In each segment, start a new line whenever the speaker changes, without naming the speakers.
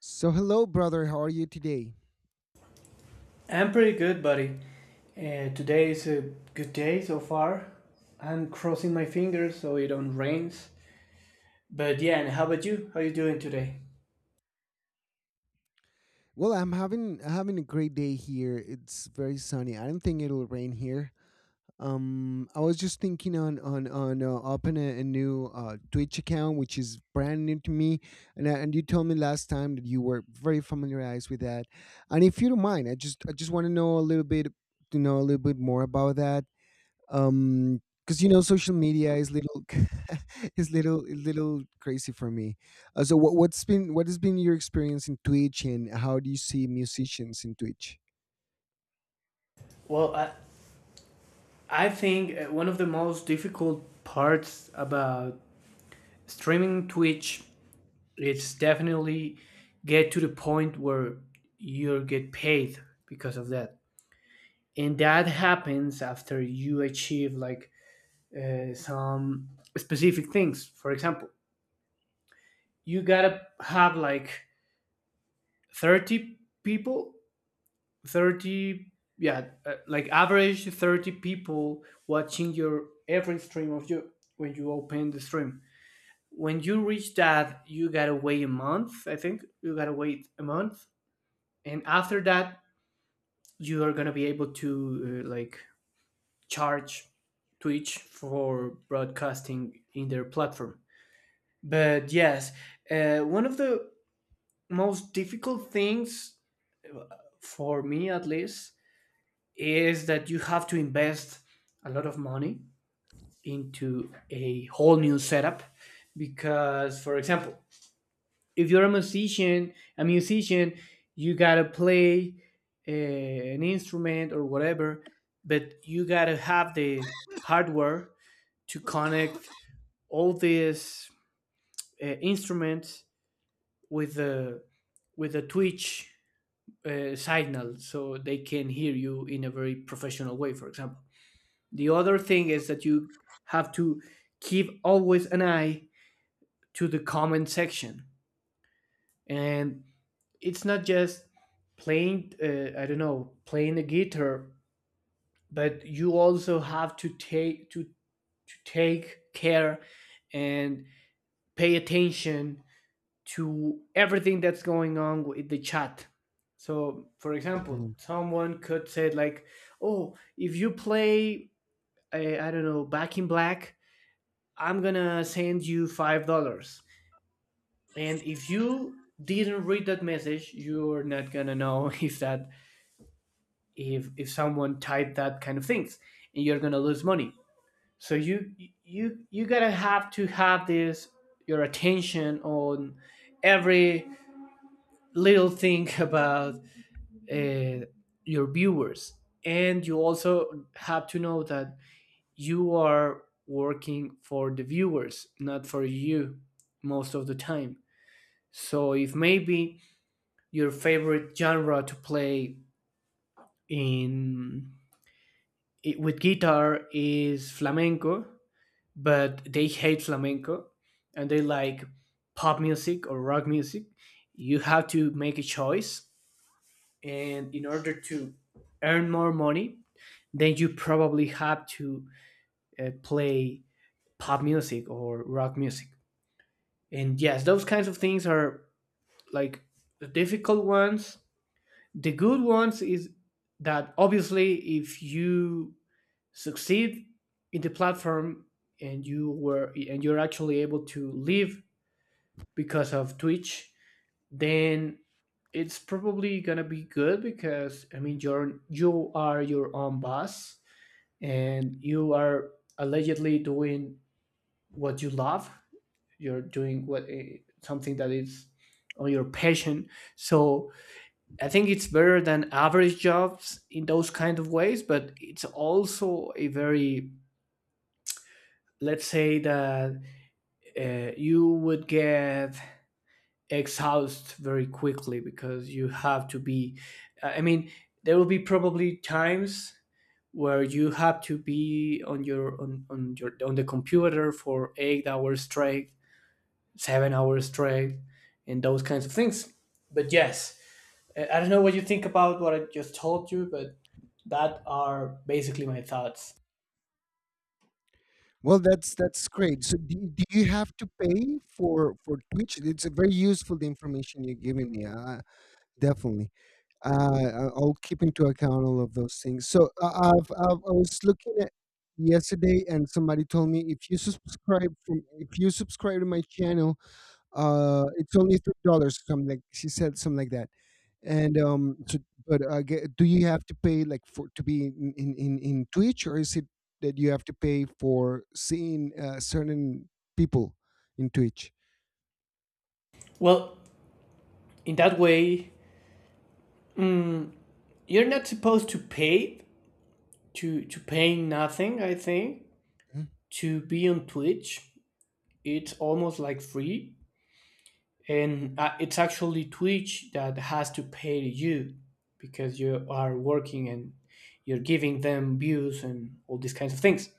So, hello, brother. How are you today?
I'm pretty good, buddy. Today is a good day so far. I'm crossing my fingers so it don't rains. But yeah, and how about you? How you doing today?
Well, I'm having a great day here. It's very sunny. I don't think it'll rain here. I was just thinking on open a new Twitch account, which is brand new to me. And you told me last time that you were very familiarized with that. And if you don't mind, I just want to know a little bit more about that. Because social media is little is little crazy for me. So what has been your experience in Twitch, and how do you see musicians in Twitch?
Well, I think one of the most difficult parts about streaming Twitch is definitely get to the point where you get paid because of that. And that happens after you achieve like some specific things. For example, you gotta have like 30 people, 30, yeah, like average 30 people watching your every stream of you when you open the stream. When you reach that, you gotta wait a month, I think you gotta wait a month. And after that, you are gonna be able to like charge Twitch for broadcasting in their platform. But yes, one of the most difficult things, for me at least, is that you have to invest a lot of money into a whole new setup. Because, for example, if you're a musician, you gotta play an instrument or whatever, but you gotta have the hardware to connect all these instruments with the with the Twitch signal so they can hear you in a very professional way, for example. The other thing is that you have to keep always an eye to the comment section. And it's not just playing, I don't know, playing the guitar, but you also have to to take care and pay attention to everything that's going on with the chat. So, for example,
Mm.
someone could say like, "Oh, if you play, I don't know, Back in Black, I'm gonna send you $5." And if you didn't read that message, you're not gonna know if that if someone typed that kind of things, and you're gonna lose money. So you gotta have to have this your attention on every little thing about uh, your viewers. And you also have to know that you are working for the viewers, not for you, most of the time. So if maybe your favorite genre to play in with guitar is flamenco, but they hate flamenco, and they like pop music or rock music, you have to make a choice. And in order to earn more money, then you probably have to play pop music or rock music. And yes, those kinds of things are like the difficult ones. The good ones is that obviously if you succeed in the platform, and you're actually able to live because of Twitch, then it's probably gonna be good, because I mean you are your own boss, and you are allegedly doing what you love. You're doing something that is on your passion. So I think it's better than average jobs in those kind of ways, but it's also a very, let's say that you would get exhaust very quickly, because you have to be I mean, there will be probably times where you have to be on the computer for 8 hours straight, 7 hours straight, and those kinds of things. But yes, I don't know what you think about what I just told you, but that are basically my thoughts.
Well, that's great. So, do you have to pay for Twitch? It's a very useful the information you're giving me. Definitely. I'll keep into account all of those things. So I was looking at yesterday, and somebody told me if you subscribe to my channel, it's only $3. Something like she said, something like that. And so, but do you have to pay like for to be in, in Twitch, or is it that you have to pay for seeing certain people in Twitch?
Well, in that way, you're not supposed to pay, to paying nothing, I think,
Mm.
to be on Twitch. It's almost like free, and it's actually Twitch that has to pay you, because you are working and you're giving them views and all these kinds of things.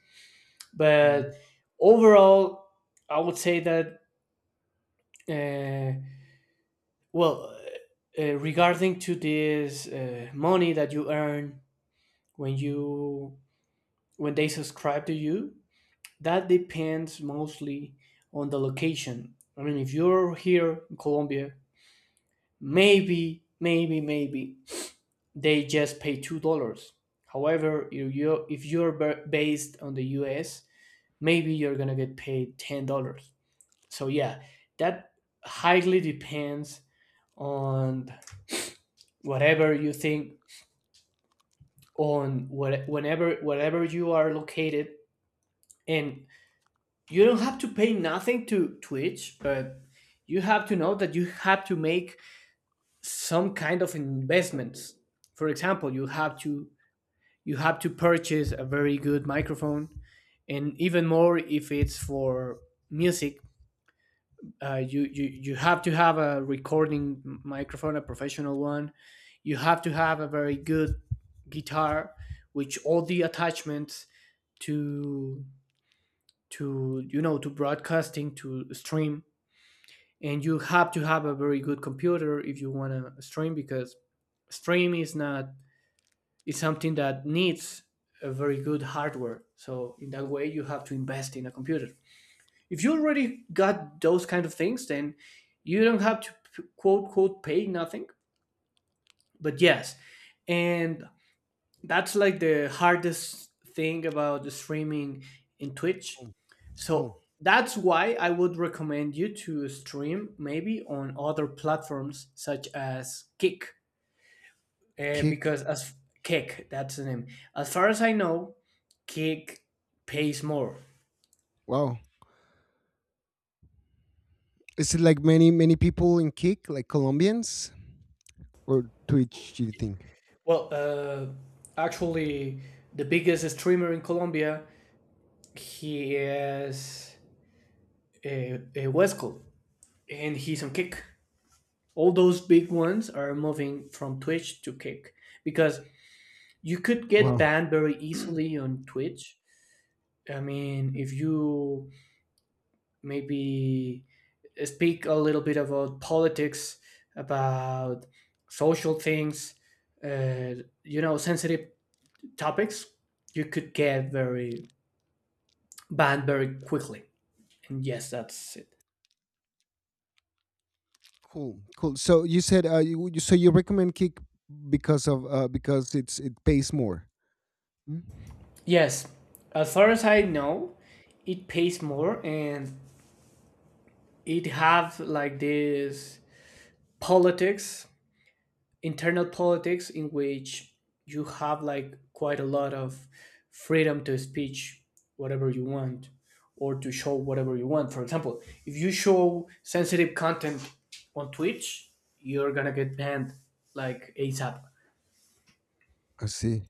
Mm.
But overall, I would say that, uh, well, regarding to this money that you earn when you when they subscribe to you, that depends mostly on the location. I mean, if you're here in Colombia, maybe they just pay $2. However, you if you're based on the U.S., maybe you're gonna get paid $10. So yeah, that highly depends on whatever you think, on what, whenever wherever you are located, and you don't have to pay nothing to Twitch, but you have to know that you have to make some kind of investments. For example, you have to purchase a very good microphone. And even more if it's for music, you have to have a recording microphone, a professional one. You have to have a very good guitar, which all the attachments to to you know to broadcasting, to stream. And you have to have a very good computer if you want to stream, because stream is not, it's something that needs a very good hardware. So in that way, you have to invest in a computer. If you already got those kind of things, then you don't have to quote quote pay nothing. But yes, and that's like the hardest thing about the streaming in Twitch.
Cool, cool.
So that's why I would recommend you to stream maybe on other platforms such as Kick,
Kick.
because as Kick, that's the name. As far as I know, Kick pays more?
Wow. Is it like many people in Kick, like Colombians, or Twitch? Do you think?
Well, actually, the biggest streamer in Colombia, he is a Wesco, and he's on Kick. All those big ones are moving from Twitch to Kick because you could get
Wow,
banned very easily on Twitch. I mean, if you maybe speak a little bit about politics, about social things, uh, sensitive topics, you could get very banned very quickly. And yes, that's it.
cool, cool. So you said you recommend Kick because of because it pays more. Mm.
Yes, as far as I know, it pays
Mm.
more, and it have like this politics, internal politics in which you have like quite a lot of freedom to speech whatever you want or to show whatever you want. For example, if you show sensitive content on Twitch, you're gonna get banned like ASAP.
I see.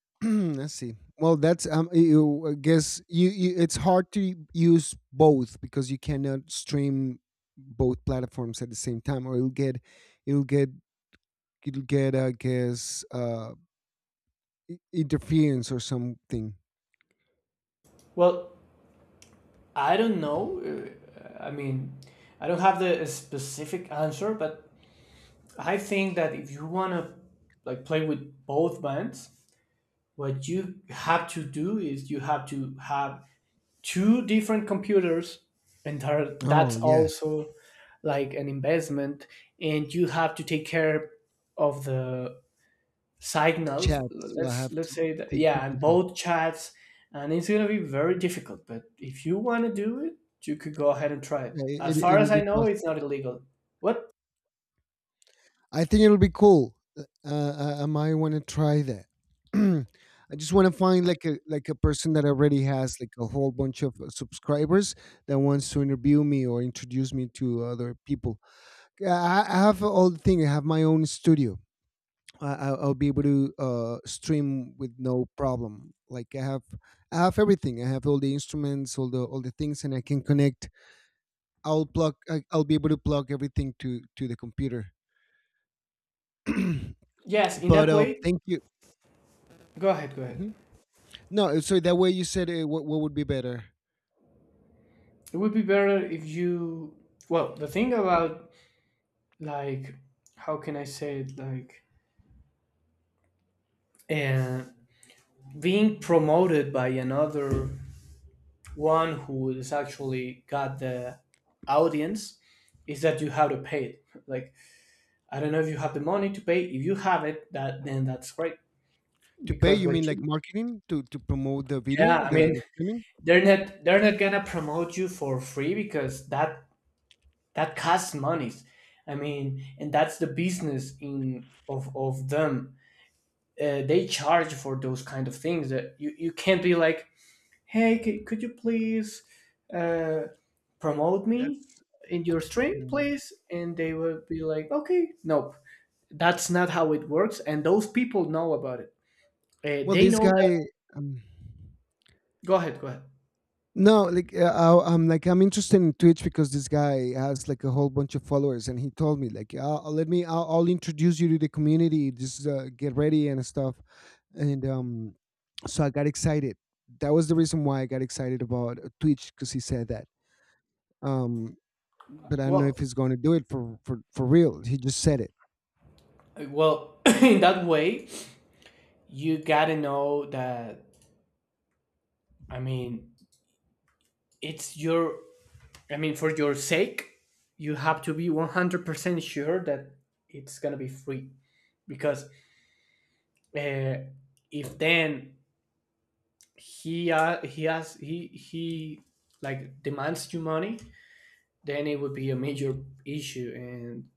I see. Well, that's. You, I guess you, you. It's hard to use both because you cannot stream both platforms at the same time, or you'll get it will get, I guess, interference or something.
Well, I don't know. I mean, I don't have the a specific answer, but I think that if you want to like play with both bands, what you have to do is you have to have two different computers, and
Oh
that's
yeah,
also like an investment, and you have to take care of the signal,
chat. So I
let's
have
let's
to
say that,
keep two
yeah, and
people.
both chats. And it's going to be very difficult, but if you want to do it, you could go ahead and try
Yeah,
it. As far
it'll
as
be
I know, it's
possible.
not illegal. What?
I think it'll be cool. I might want to try that. I just want to find like a person that already has like a whole bunch of subscribers that wants to interview me or introduce me to other people. I have all the thing. I have my own studio. I'll be able to stream with no problem. Like I have everything. I have all the instruments, all the things, and I can connect. I'll plug. I'll be able to plug everything to the computer.
Yes, in
but
that way.
thank you.
Go ahead, go ahead.
Mhm. No, so that way you said what would be better
It would be better if you, well, the thing about, like, how can I say it, like, uh, being promoted by another one who is actually got the audience, is that you have to pay it, like, I don't know if you have the money to pay. If you have it, that then that's great.
to pay?
Because
You mean
what
like
you
marketing to promote the
yeah,
video,
I mean,
the streaming?
they're not gonna promote you for free, because that costs monies. I mean, and that's the business in of them. They charge for those kind of things, that you can't be like, hey, could you please uh, promote me
That's.
in your stream,
Mm.
please? And they will be like, okay, nope, that's not how it works. And those people know about it.
Well,
They
this
know that.
guy. Um,
Go ahead. Go ahead.
No, like I'm interested in Twitch because this guy has like a whole bunch of followers, and he told me like, "Let me, I'll introduce you to the community. Just get ready and stuff." And so I got excited. That was the reason why I got excited about Twitch because he said that. Um, but I don't know
Well,
if he's going to do it for real. He just said it.
well, in that way, you gotta know that. I mean, it's your. I mean, for your sake, you have to be 100% sure that it's gonna be free. Because uh, if then he has he like demands you money, then it would be a major issue, and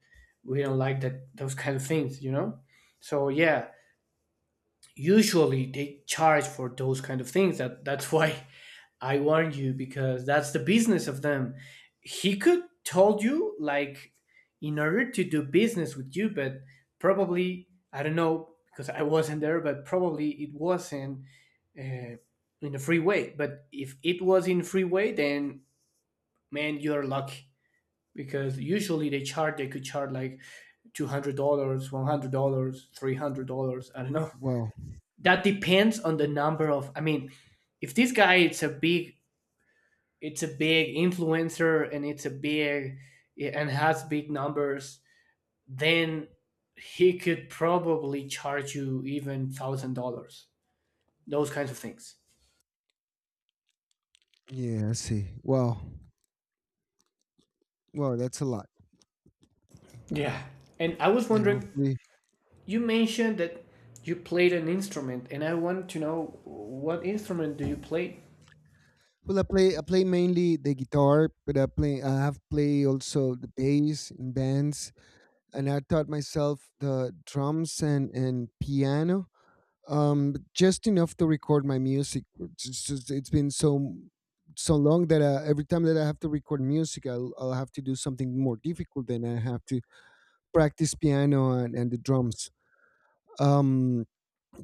we don't like that, those kind of things, you know. So yeah, usually they charge for those kind of things, that's why I warned you, because that's the business of them. He could told you like, in order to do business with you, but probably, I don't know, because I wasn't there, but probably it wasn't uh, in a free way. But if it was in free way, then man, you're lucky, because usually they could charge like $200, $100, $300, I don't know.
Wow.
That depends on the number of, I mean, if this guy it's a big influencer, and it's a big yeah, and has big numbers, then he could probably charge you even $1,000, those kinds of things.
Yeah, I see. Wow. Wow, that's a lot.
Yeah. And I was
Yeah,
wondering,
hopefully.
you mentioned that you played an instrument, and I want to know what instrument do you play.
Well, I play mainly the guitar, but I have played also the bass in bands, and I taught myself the drums and piano, but just enough to record my music. It's it's been so long that every time that I have to record music, I'll have to do something more difficult than I have to practice piano and the drums. Um,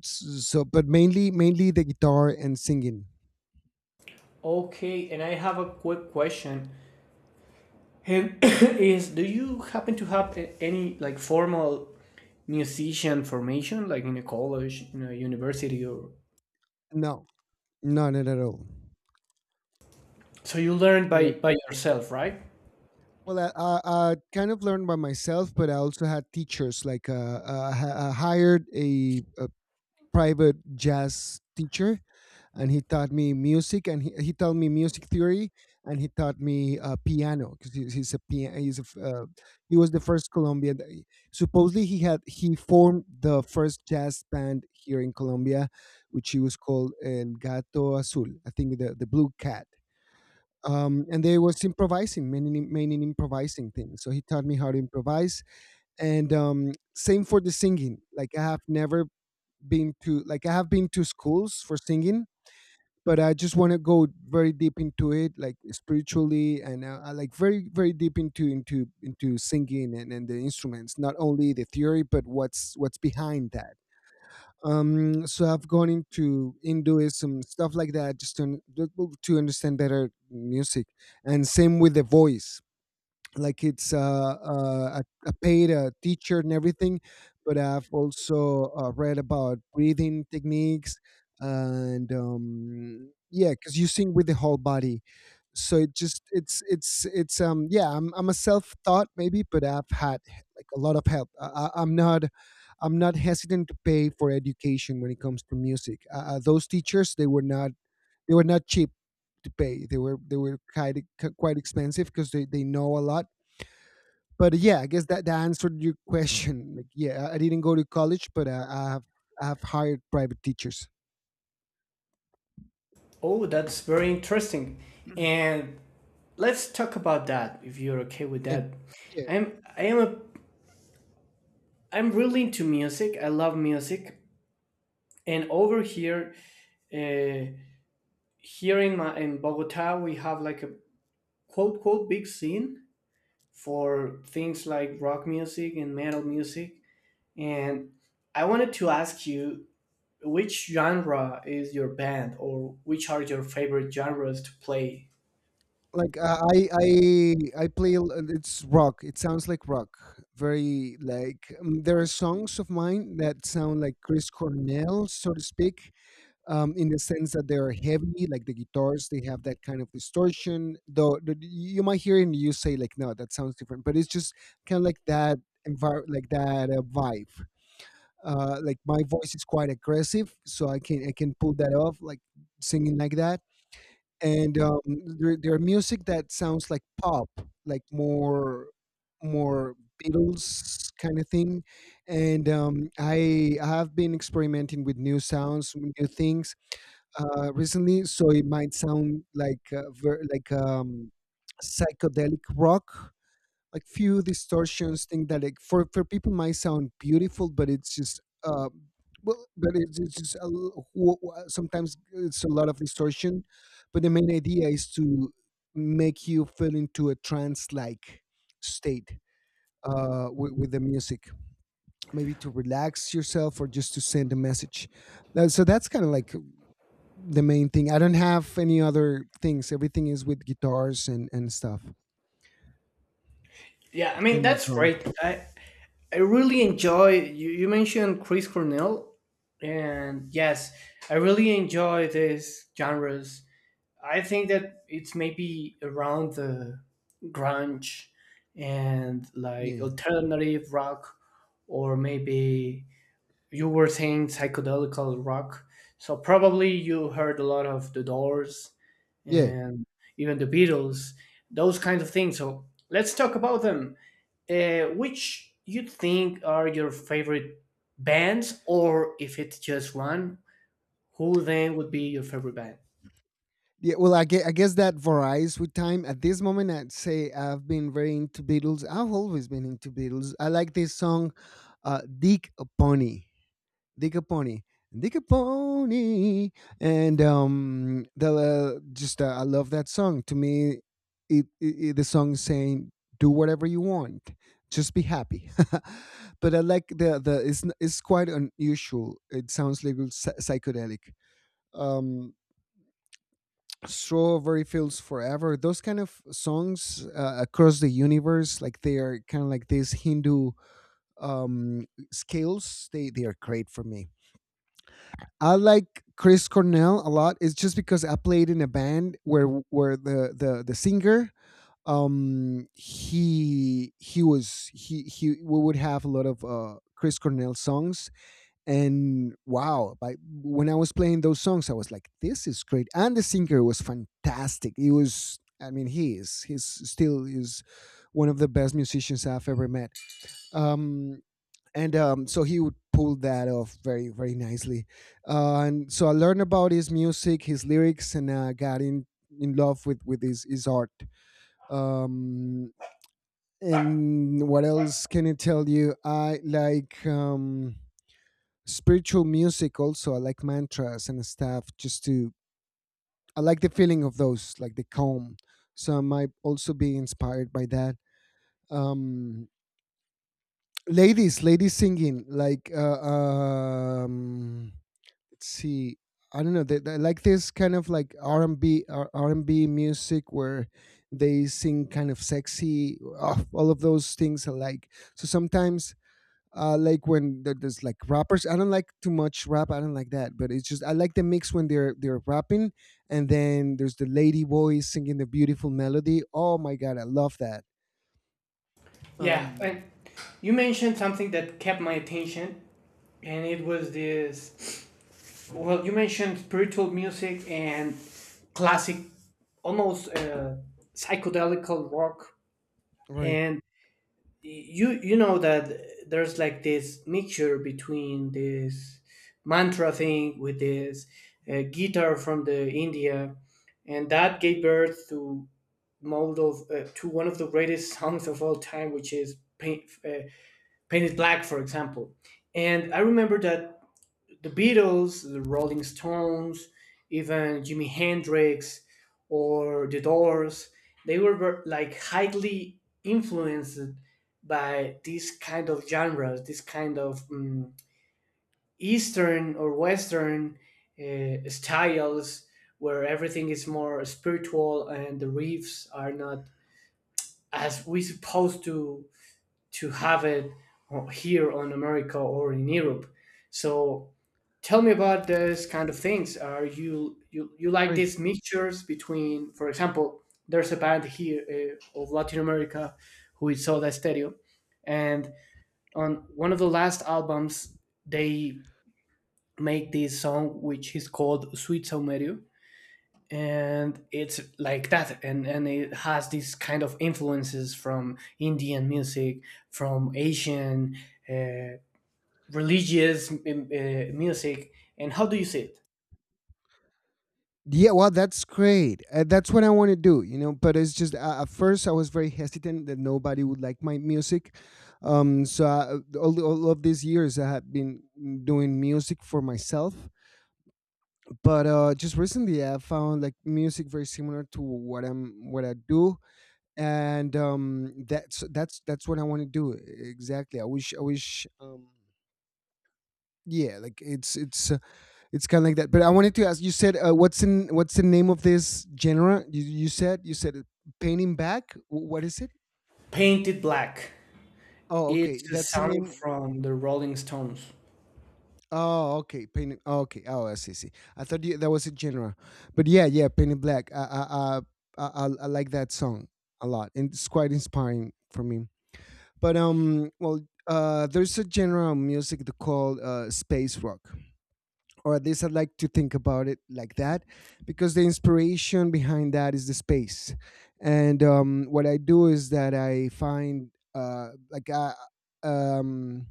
so, but mainly the guitar and singing.
Okay, and I have a quick question, and is do you happen to have any like formal musician formation, like in a college, in a university, or
No, no, not at all.
so you learn
No,
by
like,
yourself, right?
well, I kind of learned by myself, but I also had teachers. Like, I hired a private jazz teacher, and he taught me music, and he taught me music theory, and he taught me piano because he, he's a pian- he's a, f- he was the first Colombian that supposedly he formed the first jazz band here in Colombia, which he was called El Gato Azul, I think, the blue cat. And they was mainly improvising things, so he taught me how to improvise. And same for the singing. Like I have never been to, like, I have been to schools for singing, but I just want to go very deep into it, like spiritually, and I like very deep into singing and the instruments, not only the theory, but what's behind that. So I've gone into Hinduism stuff like that, just to to understand better music, and same with the voice. Like it's a paid teacher and everything, but I've also read about breathing techniques. And yeah, because you sing with the whole body. So it just it's yeah, I'm a self-taught maybe, but I've had like a lot of help. I'm not hesitant to pay for education when it comes to music. Those teachers, they were not, they were not cheap to pay. They were quite expensive because they know a lot. But yeah, I guess that answered your question. Like, yeah, I didn't go to college, but I have hired private teachers.
Oh, that's very interesting. And let's talk about that if you're okay with
Yeah,
that.
yeah.
I'm I am a I'm really into music. I love music. And over here, uh, here in Bogota, we have like a quote quote big scene for things like rock music and metal music. And I wanted to ask you, which genre is your band, or which are your favorite genres to play?
Like I play. It's rock. It sounds like rock. Very like there are songs of mine that sound like Chris Cornell, so to speak, in the sense that they are heavy. Like the guitars, they have that kind of distortion. Though you might hear it and you say like, no, that sounds different. But it's just kind of like that vibe. Like my voice is quite aggressive, so I can pull that off, like singing like that. And there are music that sounds like pop, like more Beatles kind of thing. And I have been experimenting with new sounds, new things recently, so it might sound like psychedelic rock, like few distortions thing that like for people might sound beautiful, but it's just well, but it's just a, l- w- w- sometimes it's a lot of distortion, but the main idea is to make you feel into a trance like state with the music, maybe to relax yourself or just to send a message. So that's kind of like the main thing. I don't have any other things. Everything is with guitars and stuff
Yeah, I mean,
and
that's
drum.
great. I really enjoy you, you mentioned Chris Cornell, and yes, I really enjoy these genres. I think that it's maybe around the grunge and like
Yeah,
alternative rock, or maybe you were saying psychedelic rock. So probably you heard a lot of The Doors
yeah.
and even the Beatles, those kinds of things. So let's talk about them. Which you think are your favorite bands, or if it's just one, who then would be your favorite band?
Yeah, well, I guess that varies with time. At this moment, I'd say I've been very into Beatles. I've always been into Beatles. I like this song, "Dick a Pony." Dick a Pony. Dick a Pony. And the just I love that song. To me, it the song is saying, "Do whatever you want, just be happy." But I like it's quite unusual. It sounds a little psychedelic. Um, "Strawberry Fields Forever," those kind of songs, "Across the Universe," like they are kind of like these Hindu um scales. They are great for me. I like Chris Cornell a lot. It's just because I played in a band where the singer, he was he we would have a lot of Chris Cornell songs. And wow by When I was playing those songs, I was like, this is great. And the singer was fantastic. He was I mean, he is, he's still is one of the best musicians I've ever met. um and so he would pull that off very nicely. And so I learned about his music, his lyrics, and I got in love with his art. um and what else can I tell you? I like spiritual music also. I like mantras and stuff. Just to I like the feeling of those, like the calm. So I might also be inspired by that. um Ladies singing like let's see, I don't know, they like this kind of like r&b, R- and B, R r and b music where they sing kind of sexy. Oh, all of those things I like. So sometimes like when there's like rappers. I don't like too much rap. I don't like that, but it's just I like the mix when they're rapping, and then there's the lady voice singing the beautiful melody. Oh my god, I love that.
Yeah,
Um,
and you mentioned something that kept my attention, and it was this. Well, you mentioned spiritual music and classic, almost psychedelical rock,
Right,
and you know that there's like this mixture between this mantra thing with this guitar from the India, and that gave birth to mold of to one of the greatest songs of all time, which is "Painted Black," for example. And I remember that the Beatles, the Rolling Stones, even Jimi Hendrix or The Doors, they were highly influenced by this kind of genres, this kind of Eastern or Western styles, where everything is more spiritual and the riffs are not as we supposed to have it here on America or in Europe. So tell me about those kind of things. Are you you like
right.
these mixtures between, for example, there's a band here of Latin America who is Soda Stereo, and on one of the last albums they make this song which is called Sweet Saumerio, and it's like that, and it has these kind of influences from Indian music, from Asian uh, religious music. And how do you see it?
Yeah, well, that's great. That's what I want to do, you know. But it's just at first I was very hesitant that nobody would like my music. So I, all of these years I have been doing music for myself, but just recently I found like music very similar to what I do, and that's what I want to do exactly. I wish yeah, like it's it's kind of like that. But I wanted to ask, you said what's in what's the name of this genre? You said painting back. What is it?
Painted Black.
Oh, okay,
It's a
that's the
song
name.
from the Rolling Stones.
Oh, okay. Painted. Oh, okay. Oh, I see. See, I thought you, that was a genre, but yeah, yeah. Painted Black. I like that song a lot, and it's quite inspiring for me. But there's a genre of music that called space rock, or at least I like to think about it like that, because the inspiration behind that is the space, and what I do is that I find uh, like I um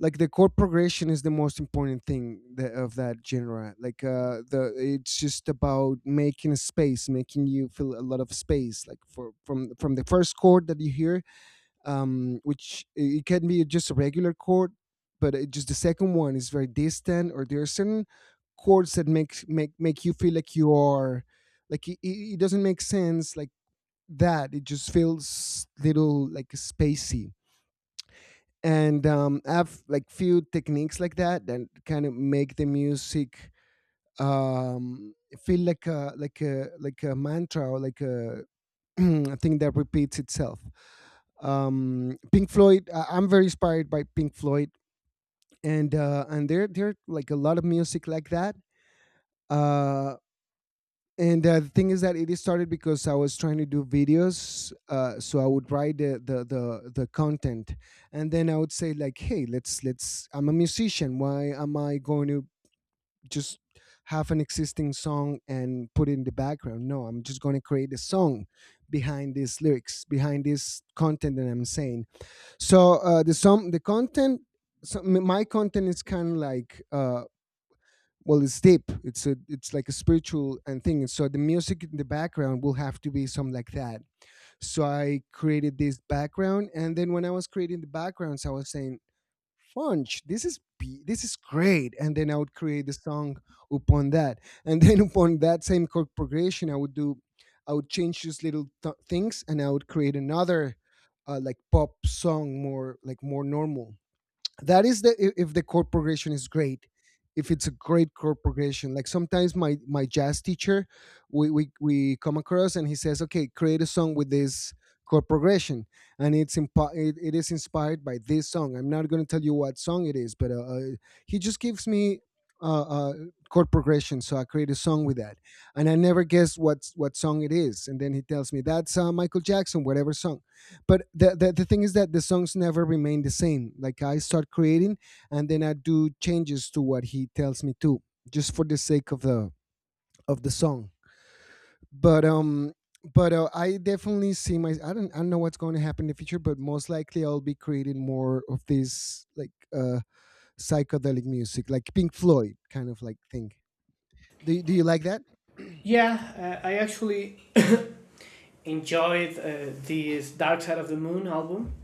like the chord progression is the most important thing of that genre like the it's just about making a space, making you feel a lot of space, like for from the first chord that you hear, it can be just a regular chord, but it just the second one is very distant, or there are certain chords that make you feel like you are like it doesn't make sense, like that it just feels little like spacey. And I have like few techniques like that that kind of make the music um, feel like a like a like a mantra, or like a, a thing that repeats itself. Pink Floyd, I'm very inspired by Pink Floyd, and there are, like, a lot of music like that. Uh, and The thing is that it is started because I was trying to do videos, so I would write the, the content, and then I would say like, "Hey, let's." I'm a musician. Why am I going to just have an existing song and put it in the background? No, I'm just going to create a song behind these lyrics, behind this content that I'm saying. So the song, the content. So my content is kind of like well, it's deep, it's a it's like a spiritual and thing. And so the music in the background will have to be something like that. So I created this background, and then when I was creating the backgrounds I was saying, funch, this is great. And then I would create the song upon that, and then upon that same chord progression I would do, I would change these little things, and I would create another like pop song, more like more normal. That is the if the chord progression is great. If it's a great chord progression, like sometimes my my jazz teacher, we come across and he says, okay, create a song with this chord progression. And it's it is inspired by this song. I'm not going to tell you what song it is, but he just gives me uh, uh, chord progression, so I create a song with that, and I never guess what song it is. And then he tells me, that's Michael Jackson whatever song. But the thing is that the songs never remain the same. Like I start creating, and then I do changes to what he tells me to, just for the sake of the song. But I definitely see my, I don't, I don't know what's going to happen in the future, but most likely I'll be creating more of this, like psychedelic music like Pink Floyd kind of like thing. Do do you like that?
Yeah, I actually enjoyed this Dark Side of the Moon album.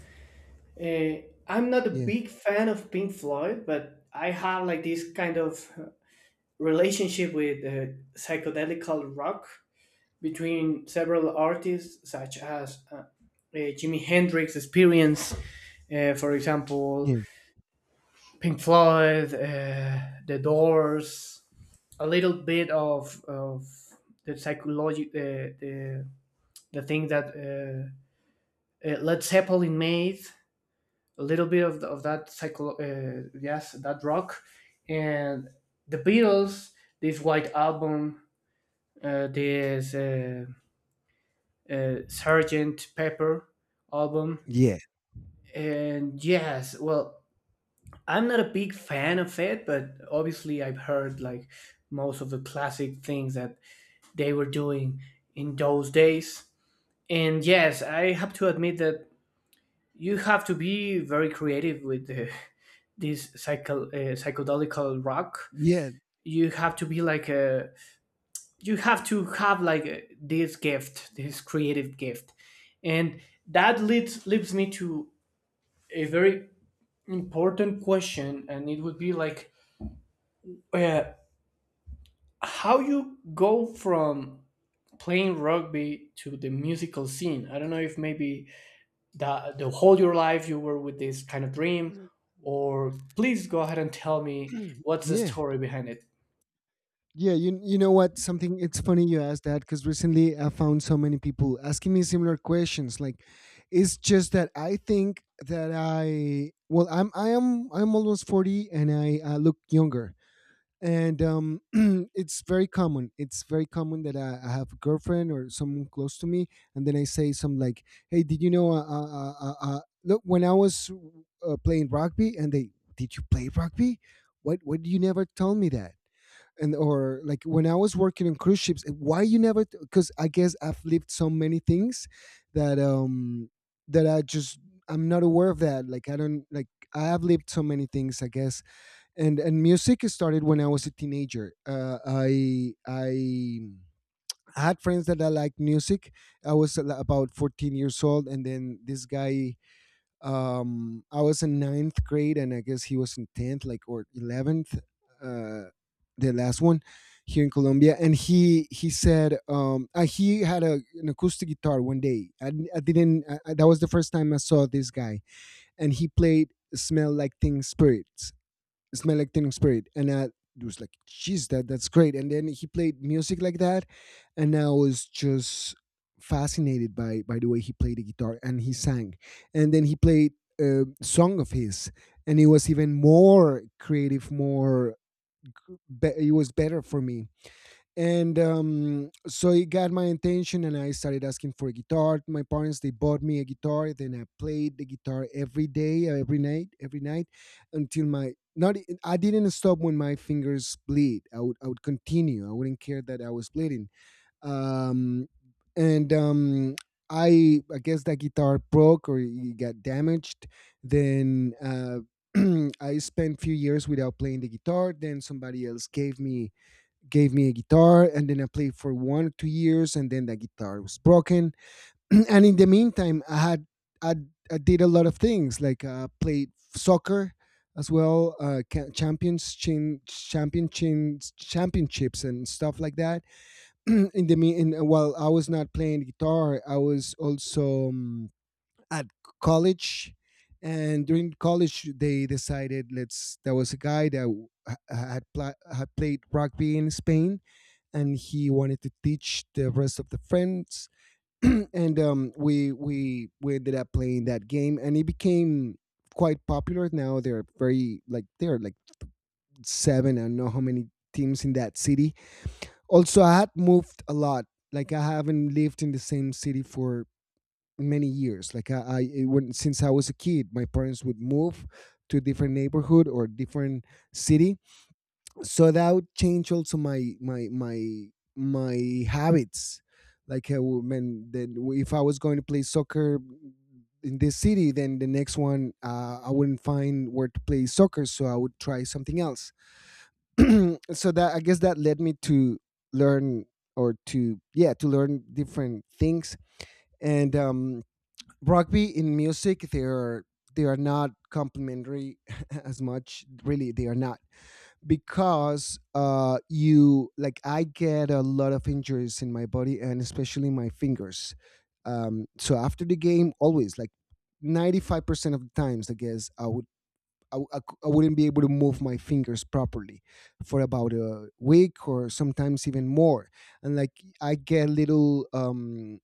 I'm not a
Yeah,
big fan of Pink Floyd, but I have like this kind of relationship with psychedelical rock between several artists, such as Jimi Hendrix Experience, for example,
yeah,
Pink Floyd, The Doors, a little bit of the psychology the thing that Led Zeppelin made, a little bit of the, of that psycho yes, that rock, and the Beatles, this White Album, this Sergeant Pepper album.
yeah,
And yes, well, I'm not a big fan of it, but obviously I've heard like most of the classic things that they were doing in those days. And yes, I have to admit that you have to be very creative with the, this psychedelical rock.
yeah,
You have to be like a, you have to have like a, this gift, this creative gift, and that leads me to a very important question, and it would be like uh, how you go from playing rugby to the musical scene. I don't know if maybe that the whole your life you were with this kind of dream, or please go ahead and tell me what's the
yeah.
story behind it.
Yeah, you know what? Something, it's funny you asked that, because recently I found so many people asking me similar questions. Like, it's just that I think that I, well, I'm almost 40, and I look younger, and it's very common. It's very common that I have a girlfriend or someone close to me, and then I say some like, "Hey, did you know? Look, when I was playing rugby," and they, "did you play rugby? What do you never told me that?" And or like, when I was working on cruise ships, why you never? Because I guess I've lived so many things, that that I just, I'm not aware of that. Like I don't like, I have lived so many things, I guess. And music started when I was a teenager. I had friends that I liked music. I was about 14 years old, and then this guy, I was in ninth grade, and I guess he was in 10th like or 11th, uh the last one here in Colombia. And he said, he had an acoustic guitar. One day I, I didn't, that was the first time I saw this guy, and he played Smell Like Teen Spirit, and I was like, "Jeez, that that's great." And then he played music like that, and I was just fascinated by the way he played the guitar and he sang. And then he played a song of his, and it was even more creative, more. It was better for me. And so it got my attention, and I started asking for a guitar. My parents, they bought me a guitar, then I played the guitar every day, every night, until my not, I I didn't stop. When my fingers bleed, I would continue. I wouldn't care that I was bleeding. Um, and I guess that guitar broke or it got damaged. Then I spent few years without playing the guitar. Then somebody else gave me, gave me a guitar, and then I played for 1 or 2 years, and then the guitar was broken. And in the meantime I had, i, I did a lot of things, like played soccer as well, ca- champions chin, championships championships and stuff like that. In while I was not playing guitar, I was also at college. And during college they decided, let's, there was a guy that had, pla had played rugby in Spain, and he wanted to teach the rest of the friends. And we ended up playing that game, and it became quite popular. Now they're very like, there are like seven, I don't know how many teams in that city. Also, I had moved a lot. Like I haven't lived in the same city for many years. Like I, when since I was a kid, my parents would move to a different neighborhood or different city. So that would change also my my habits, like when then if I was going to play soccer in this city, then the next one I wouldn't find where to play soccer, so I would try something else. So that, I guess, that led me to learn, or to, yeah, to learn different things. And rugby in music, they are, they are not complementary as much, really, they are not. Because you like, I get a lot of injuries in my body, and especially my fingers. So after the game always, like 95% of the times, I guess, I would, I, w- I cou- I wouldn't be able to move my fingers properly for about a week or sometimes even more. And like I get little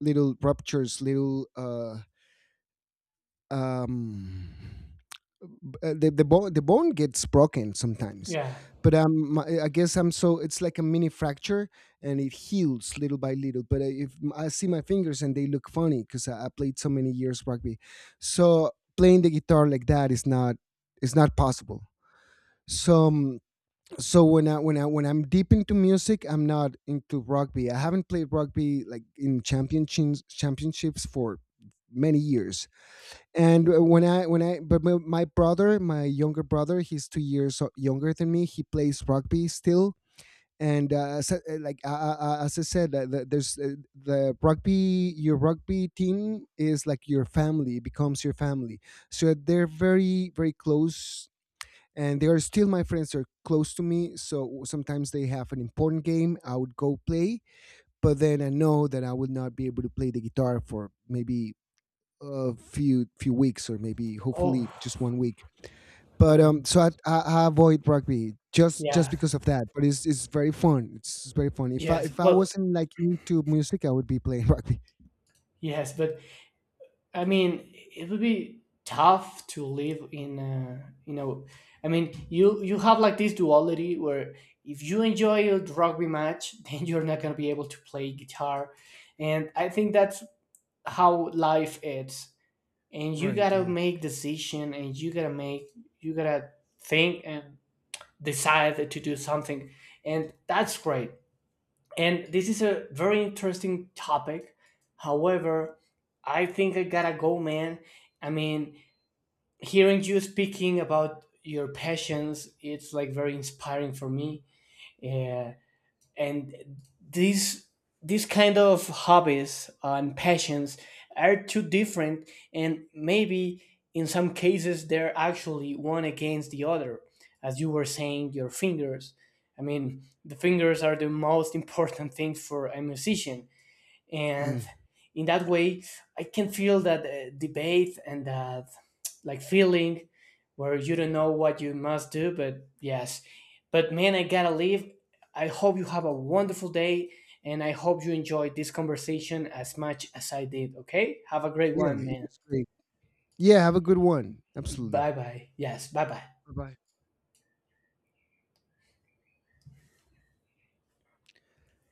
little ruptures, little um the bone, the bone gets broken sometimes.
Yeah.
But my, I guess, I'm so, it's like a mini fracture, and it heals little by little. But if I see my fingers and they look funny, because I played so many years rugby. So playing the guitar like that is not, is not possible. So so when I when I when I'm deep into music, I'm not into rugby. I haven't played rugby, like in championships, for many years. And when I when I, but my brother, my younger brother, he's 2 years o- younger than me, he plays rugby still. And as I said, the rugby, your rugby team is like your family, it becomes your family. So they're very very close, and they are still my friends, they're close to me. So sometimes they have an important game, I would go play. But then I know that I would not be able to play the guitar for maybe a few few weeks, or maybe
Oh,
hopefully just 1 week. But
man.
I avoid rugby just
Yeah.
because of that. But it's very fun. It's very fun. If I,
Yes,
if I
well,
wasn't like into music, I would be playing rugby.
yes, but I mean it would be tough to live in a, you know, I mean you have like this duality where if you enjoy a rugby match then you're not going to be able to play guitar. And I think that's how life is, and you
Right.
gotta
Yeah.
make decision, and you gotta make, you gotta think and decide to do something. And that's great, and this is a very interesting topic. However, I think I gotta go, man. I mean, hearing you speaking about your passions, it's like very inspiring for me. uh, and these these kind of hobbies and passions are too different, and maybe in some cases they're actually one against the other. As you were saying, your fingers, I mean the fingers are the most important thing for a musician. And
Mm.
in that way, I can feel that debate and that like feeling where you don't know what you must do. But yes, but man, I gotta leave. I hope you have a wonderful day, and I hope you enjoyed this conversation as much as I did. Okay, have a great
Yeah.
one,
It
man.
was great. Yeah. Have a good one. Absolutely.
Bye bye. Yes, bye bye.
Bye bye.